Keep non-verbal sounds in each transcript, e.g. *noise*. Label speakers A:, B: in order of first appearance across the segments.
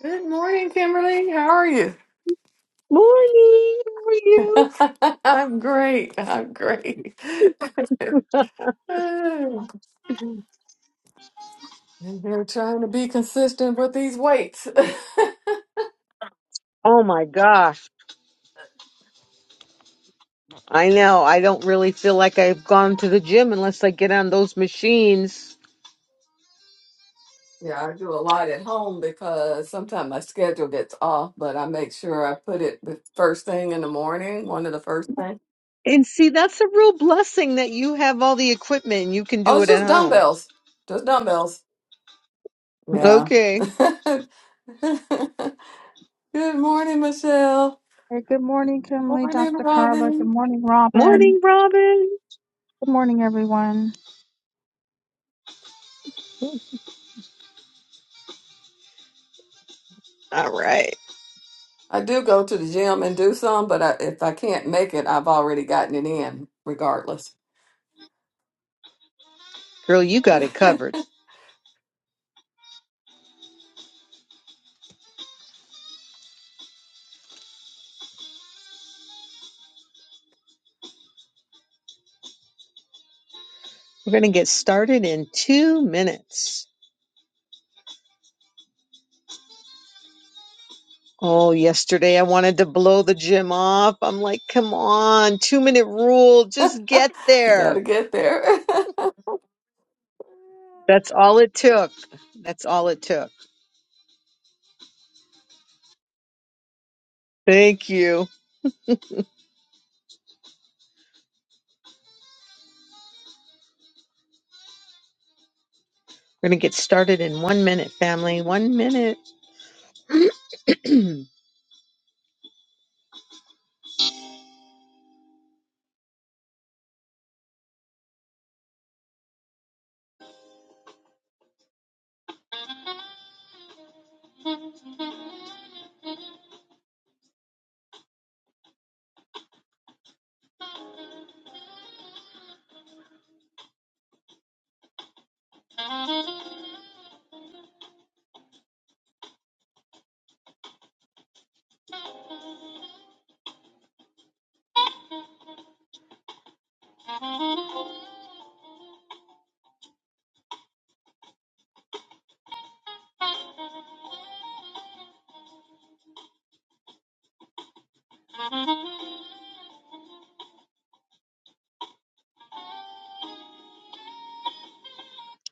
A: Good morning, Kimberly. How are you?
B: Morning. How are you?
A: *laughs* I'm great. I'm great. *laughs*
B: *laughs*
A: We're trying to be consistent with these weights. *laughs*
B: Oh my gosh. I know. I don't really feel like I've gone to the gym unless I get on those machines.
A: Yeah, I do a lot at home because sometimes my schedule gets off, but I make sure I put it the first thing in the morning, one of the first things.
B: And see, that's a real blessing that you have all the equipment and you can
A: Oh,
B: do
A: it's
B: it at
A: just
B: home.
A: dumbbells. Just dumbbells. Yeah.
B: Okay.
A: *laughs* Good morning, Michelle.
C: Hey, good morning, Kimberly,
A: Morning,
C: Dr. Carla. Good
A: Robin.
C: morning, Robin.
B: Morning, Robin.
C: Good morning, everyone.
B: All right.
A: I do go to the gym and do some, but I, if I can't make it, I've already gotten it in regardless.
B: Girl, you
A: *laughs*
B: got it covered. We're going to get started in two minutes. Oh, yesterday I wanted to blow the gym off. I'm like, come on, two minute rule. Just get there.
A: Gotta get there. *laughs*
B: That's all it took. That's all it took. Thank you. We're going to get started in one minute, family. One minute. *clears throat*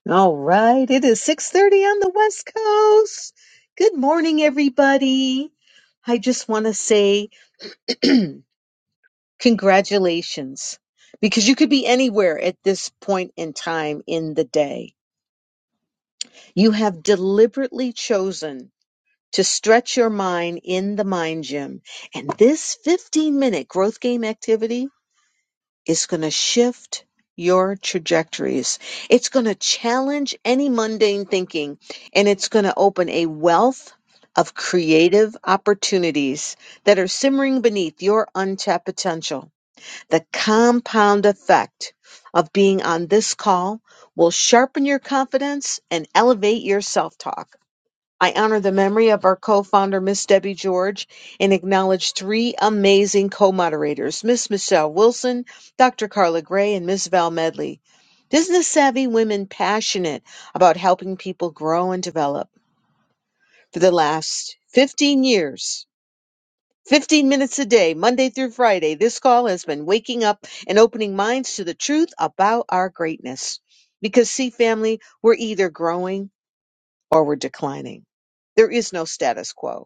B: all right. It is 6.30 on the West Coast. Good morning, everybody. I just want to say *clears throat* congratulations because you could be anywhere at this point in time in the day. You have deliberately chosen to stretch your mind in the mind gym. And this 15 minute growth game activity Is going to shift your trajectories. It's going to challenge any mundane thinking and it's going to open a wealth of creative opportunities that are simmering beneath your untapped potential. The compound effect of being on this call will sharpen your confidence and elevate your self talk. I honor the memory of our co-founder, Miss Debbie George, and acknowledge three amazing co-moderators, Miss Michelle Wilson, Dr. Carla Gray, and Miss Val Medley. Business savvy women passionate about helping people grow and develop. For the last 15 years, 15 minutes a day, Monday through Friday, this call has been waking up and opening minds to the truth about our greatness. Because, see, family, we're either growing or we're declining. There is no status quo.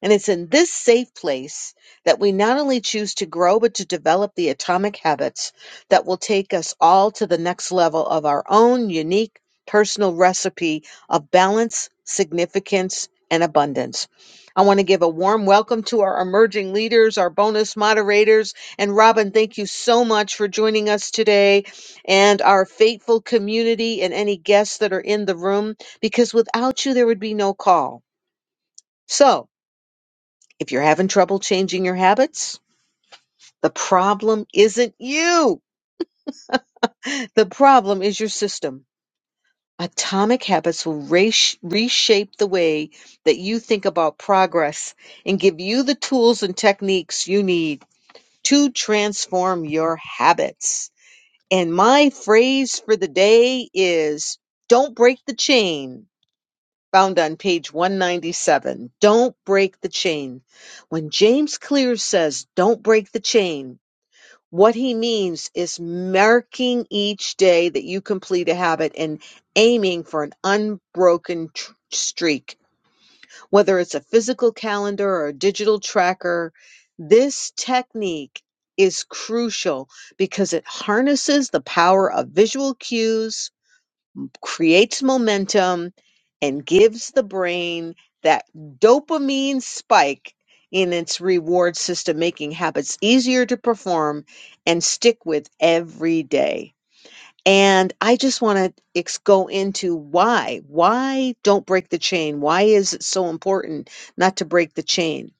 B: And it's in this safe place that we not only choose to grow, but to develop the atomic habits that will take us all to the next level of our own unique personal recipe of balance, significance, and abundance. I want to give a warm welcome to our emerging leaders, our bonus moderators. And Robin, thank you so much for joining us today and our faithful community and any guests that are in the room, because without you, there would be no call. So, if you're having trouble changing your habits, the problem isn't you. The problem is your system. Atomic habits will resh- reshape the way that you think about progress and give you the tools and techniques you need to transform your habits. And my phrase for the day is don't break the chain, found on page 197. Don't break the chain. When James Clear says, don't break the chain, What he means is marking each day that you complete a habit and aiming for an unbroken tr- streak, whether it's a physical calendar or a digital tracker. This technique is crucial because it harnesses the power of visual cues creates momentum and gives the brain that dopamine spike in its reward system, making habits easier to perform and stick with every day. And I just want to ex- go into why. Why don't break the chain? Why is it so important not to break the chain?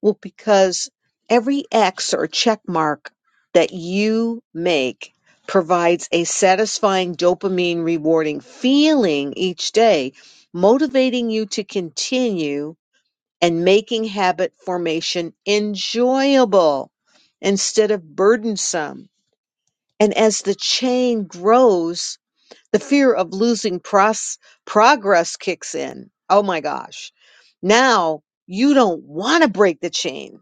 B: Well, because every X or check mark that you make provides a satisfying dopamine rewarding feeling each day, motivating you to continue and making habit formation enjoyable instead of burdensome. And as the chain grows, the fear of losing pros- progress kicks in. Oh my gosh. Now you don't want to break the chain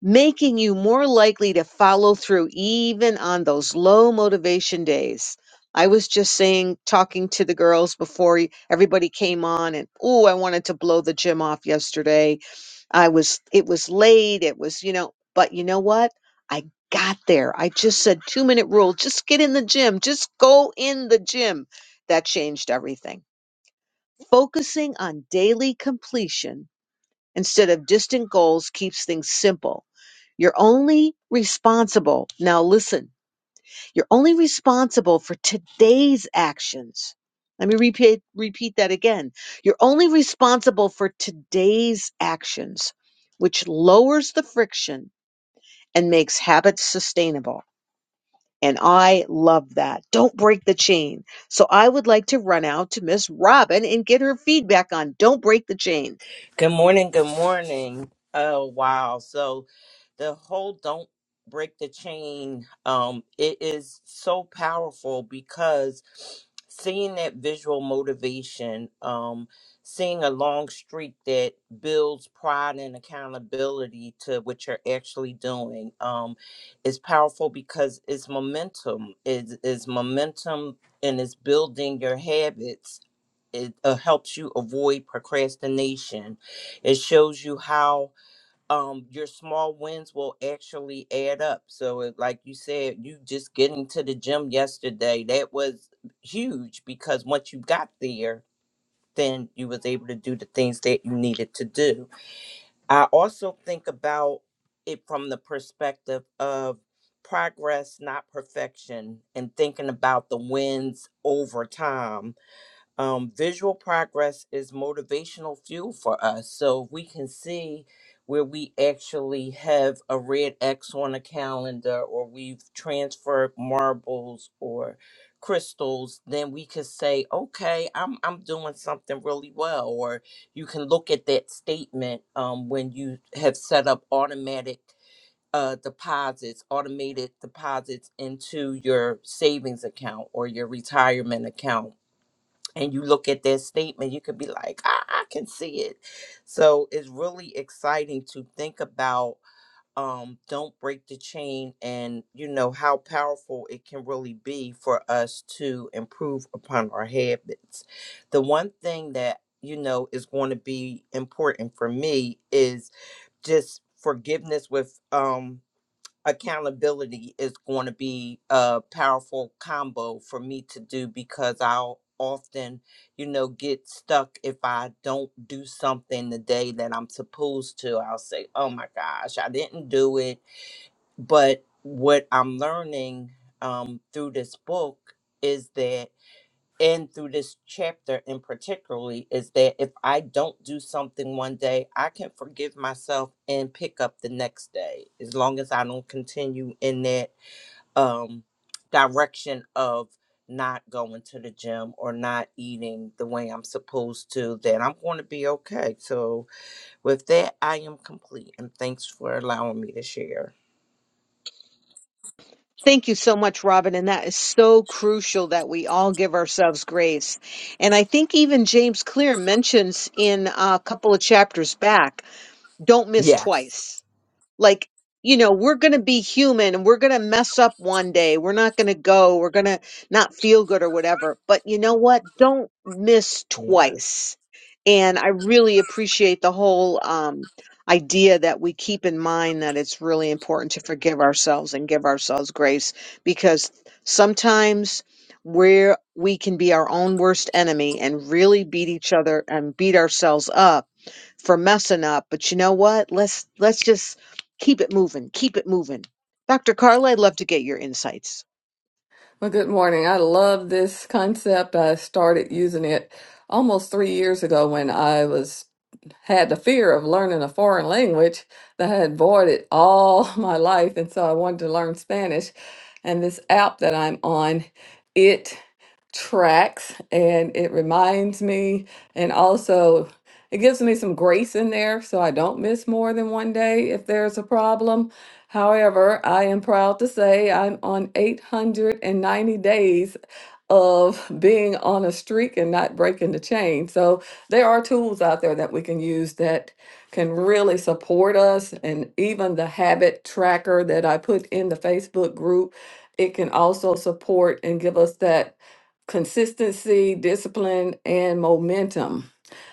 B: making you more likely to follow through even on those low motivation days. I was just saying, talking to the girls before y- everybody came on, and oh, I wanted to blow the gym off yesterday. I was, it was late. It was, you know, but you know what? I got there. I just said two minute rule. Just get in the gym. Just go in the gym. That changed everything. Focusing on daily completion instead of distant goals keeps things simple. You're only responsible. Now listen, you're only responsible for today's actions. Let me repeat, repeat that again. You're only responsible for today's actions, which lowers the friction and makes habits sustainable. And I love that. Don't break the chain. So I would like to run out to Miss Robin and get her feedback on don't break the chain.
D: Good morning. Good morning. Oh wow! So the whole "Don't Break the Chain" um, it is so powerful because seeing that visual motivation, um, seeing a long streak that builds pride and accountability to what you're actually doing, um, is powerful because it's momentum. Is is momentum and it's building your habits it uh, helps you avoid procrastination it shows you how um, your small wins will actually add up. So, it, like you said, you just getting to the gym yesterday, that was huge because once you got there, then you was able to do the things that you needed to do. I also think about it from the perspective of progress, not perfection, and thinking about the wins over time um, visual progress is motivational fuel for us. So if we can see where we actually have a red X on a calendar, or we've transferred marbles or crystals, then we could say, "Okay, I'm I'm doing something really well." Or you can look at that statement um, when you have set up automatic. Uh, deposits, automated deposits into your savings account or your retirement account and you look at their statement, you could be like, I, I can see it. So it's really exciting to think about um, Don't Break the Chain and, you know, how powerful it can really be for us to improve upon our habits. The one thing that, you know, is going to be important for me is just forgiveness with um accountability is going to be a powerful combo for me to do because I'll often, you know, get stuck if I don't do something the day that I'm supposed to. I'll say, oh my gosh, I didn't do it. But what I'm learning um, through this book. Is that and through this chapter in particularly is that if I don't do something one day, I can forgive myself and pick up the next day as long as I don't continue in that um direction of not going to the gym or not eating the way I'm supposed to, then I'm going to be okay. So with that, I am complete and thanks for allowing me to share.
B: Thank you so much, Robin. And that is so crucial that we all give ourselves grace. And I think even James Clear mentions in a couple of chapters back, don't miss
D: Yes.
B: twice like you know we're going to be human and we're going to mess up one day we're not going to go we're going to not feel good or whatever but you know what don't miss
D: Yes.
B: twice and i really appreciate the whole um idea that we keep in mind that it's really important to forgive ourselves and give ourselves grace because sometimes where we can be our own worst enemy and really beat each other and beat ourselves up for messing up, but you know what? Let's let's just keep it moving. Keep it moving. Dr. Carla, I'd love to get your insights.
A: Well, good morning. I love this concept. I started using it almost three years ago when I was had the fear of learning a foreign language that I had avoided all *laughs* my life, and so I wanted to learn Spanish. And this app that I'm on, it tracks and it reminds me, and also it gives me some grace in there so I don't miss more than one day if there's a problem However, I am proud to say I'm on 890 days of being on a streak and not breaking the chain. So there are tools out there that we can use that can really support us. And even the habit tracker that I put in the Facebook group, it can also support and give us that consistency, discipline, and momentum.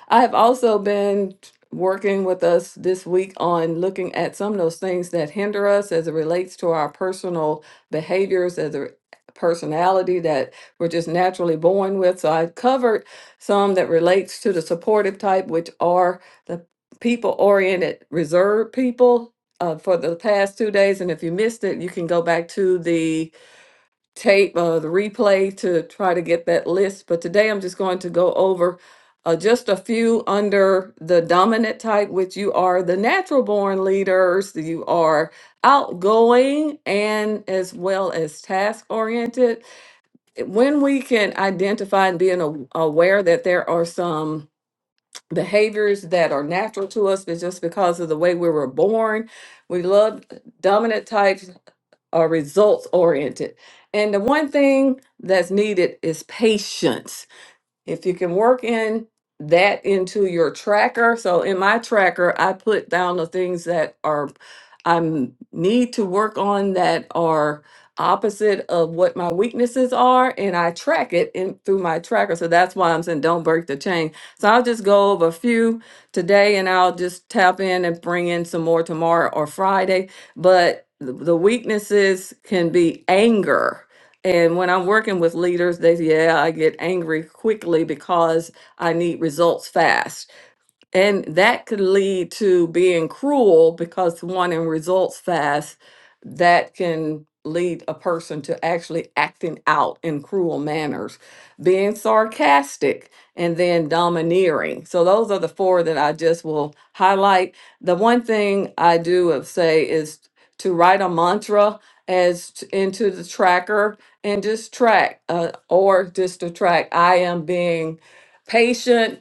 A: I have also been working with us this week on looking at some of those things that hinder us as it relates to our personal behaviors, as a personality that we're just naturally born with. So I covered some that relates to the supportive type, which are the people oriented, reserved people. Uh, for the past two days, and if you missed it, you can go back to the tape, uh, the replay to try to get that list. But today I'm just going to go over uh, just a few under the dominant type, which you are the natural born leaders, you are outgoing and as well as task oriented. When we can identify and being a- aware that there are some behaviors that are natural to us, but just because of the way we were born, we love dominant types are results oriented. And the one thing that's needed is patience if you can work in that into your tracker, so in my tracker, I put down the things that are I m- need to work on that are opposite of what my weaknesses are, and I track it in through my tracker. So that's why I'm saying don't break the chain. So I'll just go over a few today, and I'll just tap in and bring in some more tomorrow or Friday. But the the weaknesses can be anger and when I'm working with leaders, they, yeah, I get angry quickly because I need results fast. And that could lead to being cruel because one in results fast, that can lead a person to actually acting out in cruel manners, being sarcastic, and then domineering. So those are the four that I just will highlight. The one thing I do of say is to write a mantra as t- into the tracker and just track uh, or just to track I am being patient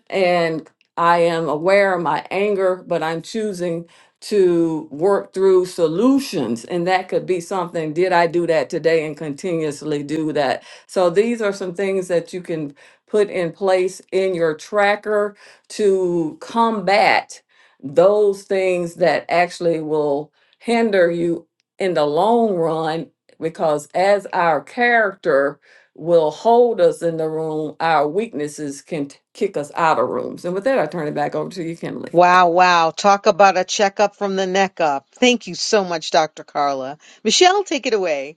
A: I am aware of my anger, but I'm choosing to work through solutions. And that could be something did I do that today and continuously do that? So these are some things that you can put in place in your tracker to combat those things that actually will hinder you in the long run. Because as our character, will hold us in the room, our weaknesses can t- kick us out of rooms. And with that, I turn it back over to you, Kimberly.
B: Wow, wow. Talk about a checkup from the neck up. Thank you so much, Dr. Carla. Michelle, take it away.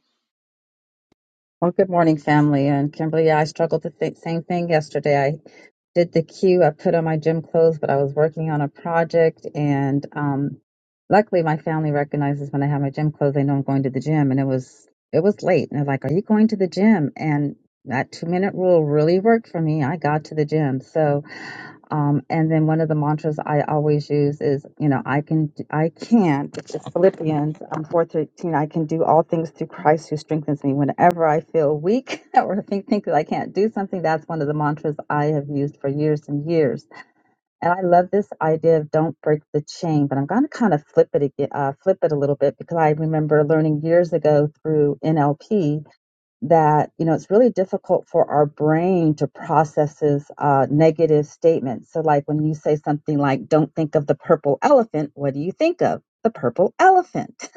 C: Well, good morning, family. And Kimberly, yeah, I struggled with the same thing yesterday. I did the queue, I put on my gym clothes, but I was working on a project. And um, luckily, my family recognizes when I have my gym clothes, they know I'm going to the gym. And it was it was late, and they're like, "Are you going to the gym?" And that two minute rule really worked for me. I got to the gym, so. Um, and then one of the mantras I always use is, you know, I can, I can, which is Philippians um, 4.13, I can do all things through Christ who strengthens me. Whenever I feel weak *laughs* or think, think that I can't do something, that's one of the mantras I have used for years and years. And I love this idea of don't break the chain, but I'm going to kind of flip it, again, uh, flip it a little bit because I remember learning years ago through NLP that you know it's really difficult for our brain to process this uh, negative statements. So, like when you say something like "Don't think of the purple elephant," what do you think of? The purple elephant.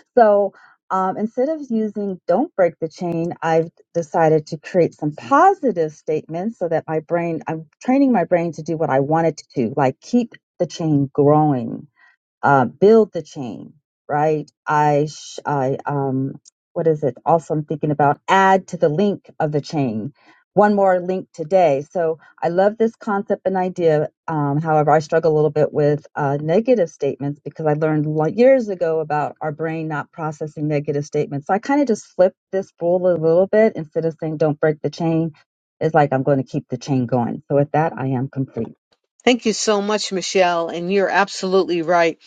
C: *laughs* so. Um, instead of using don't break the chain, I've decided to create some positive statements so that my brain, I'm training my brain to do what I want it to do, like keep the chain growing uh, build the chain, right? I, sh- I, um, what is it? Also, I'm thinking about add to the link of the chain. One more link today. So I love this concept and idea. Um, however, I struggle a little bit with uh, negative statements because I learned lo- years ago about our brain not processing negative statements. So I kind of just flipped this rule a little bit instead of saying don't break the chain. It's like I'm going to keep the chain going. So with that, I am complete.
B: Thank you so much, Michelle. And you're absolutely right.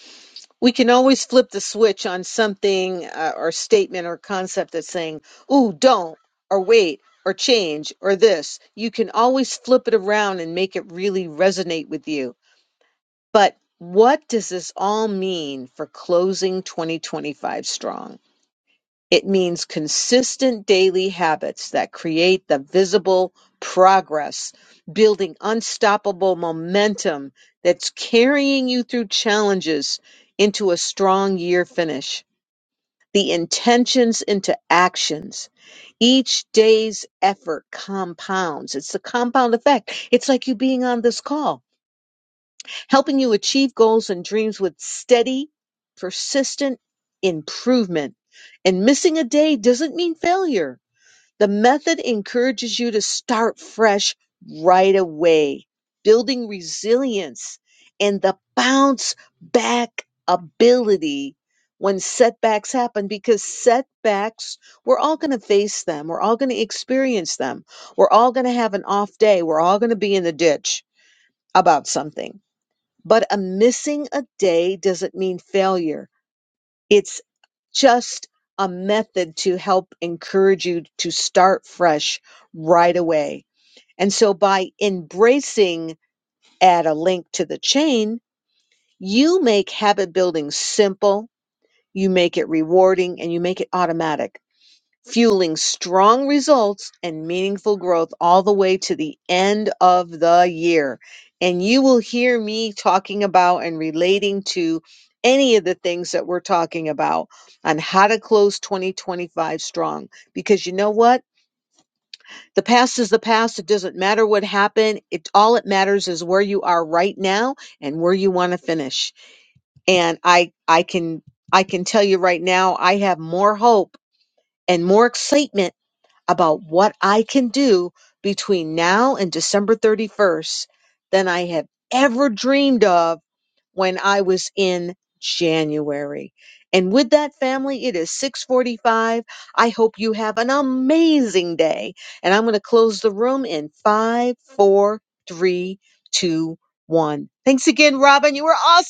B: We can always flip the switch on something uh, or statement or concept that's saying, ooh, don't, or wait, or change, or this. You can always flip it around and make it really resonate with you. But what does this all mean for closing 2025 strong? It means consistent daily habits that create the visible progress, building unstoppable momentum that's carrying you through challenges into a strong year finish. The intentions into actions. Each day's effort compounds. It's the compound effect. It's like you being on this call helping you achieve goals and dreams with steady, persistent improvement. And missing a day doesn't mean failure. The method encourages you to start fresh right away, building resilience and the bounce back ability when setbacks happen because setbacks, we're all going to face them. We're all going to experience them. We're all going to have an off day. We're all going to be in the ditch about something but a missing a day doesn't mean failure. It's just a method to help encourage you to start fresh right away. And so by embracing add a link to the chain, you make habit building simple, you make it rewarding, and you make it automatic fueling strong results and meaningful growth all the way to the end of the year. And you will hear me talking about and relating to any of the things that we're talking about on how to close 2025 strong. Because you know what? The past is the past. It doesn't matter what happened. It all it matters is where you are right now and where you want to finish. And I I can I can tell you right now, I have more hope and more excitement about what I can do between now and December 31st than I have ever dreamed of when I was in January. And with that family, it is 645. I hope you have an amazing day. And I'm going to close the room in five, four, three, two, one. Thanks again, Robin. You were awesome.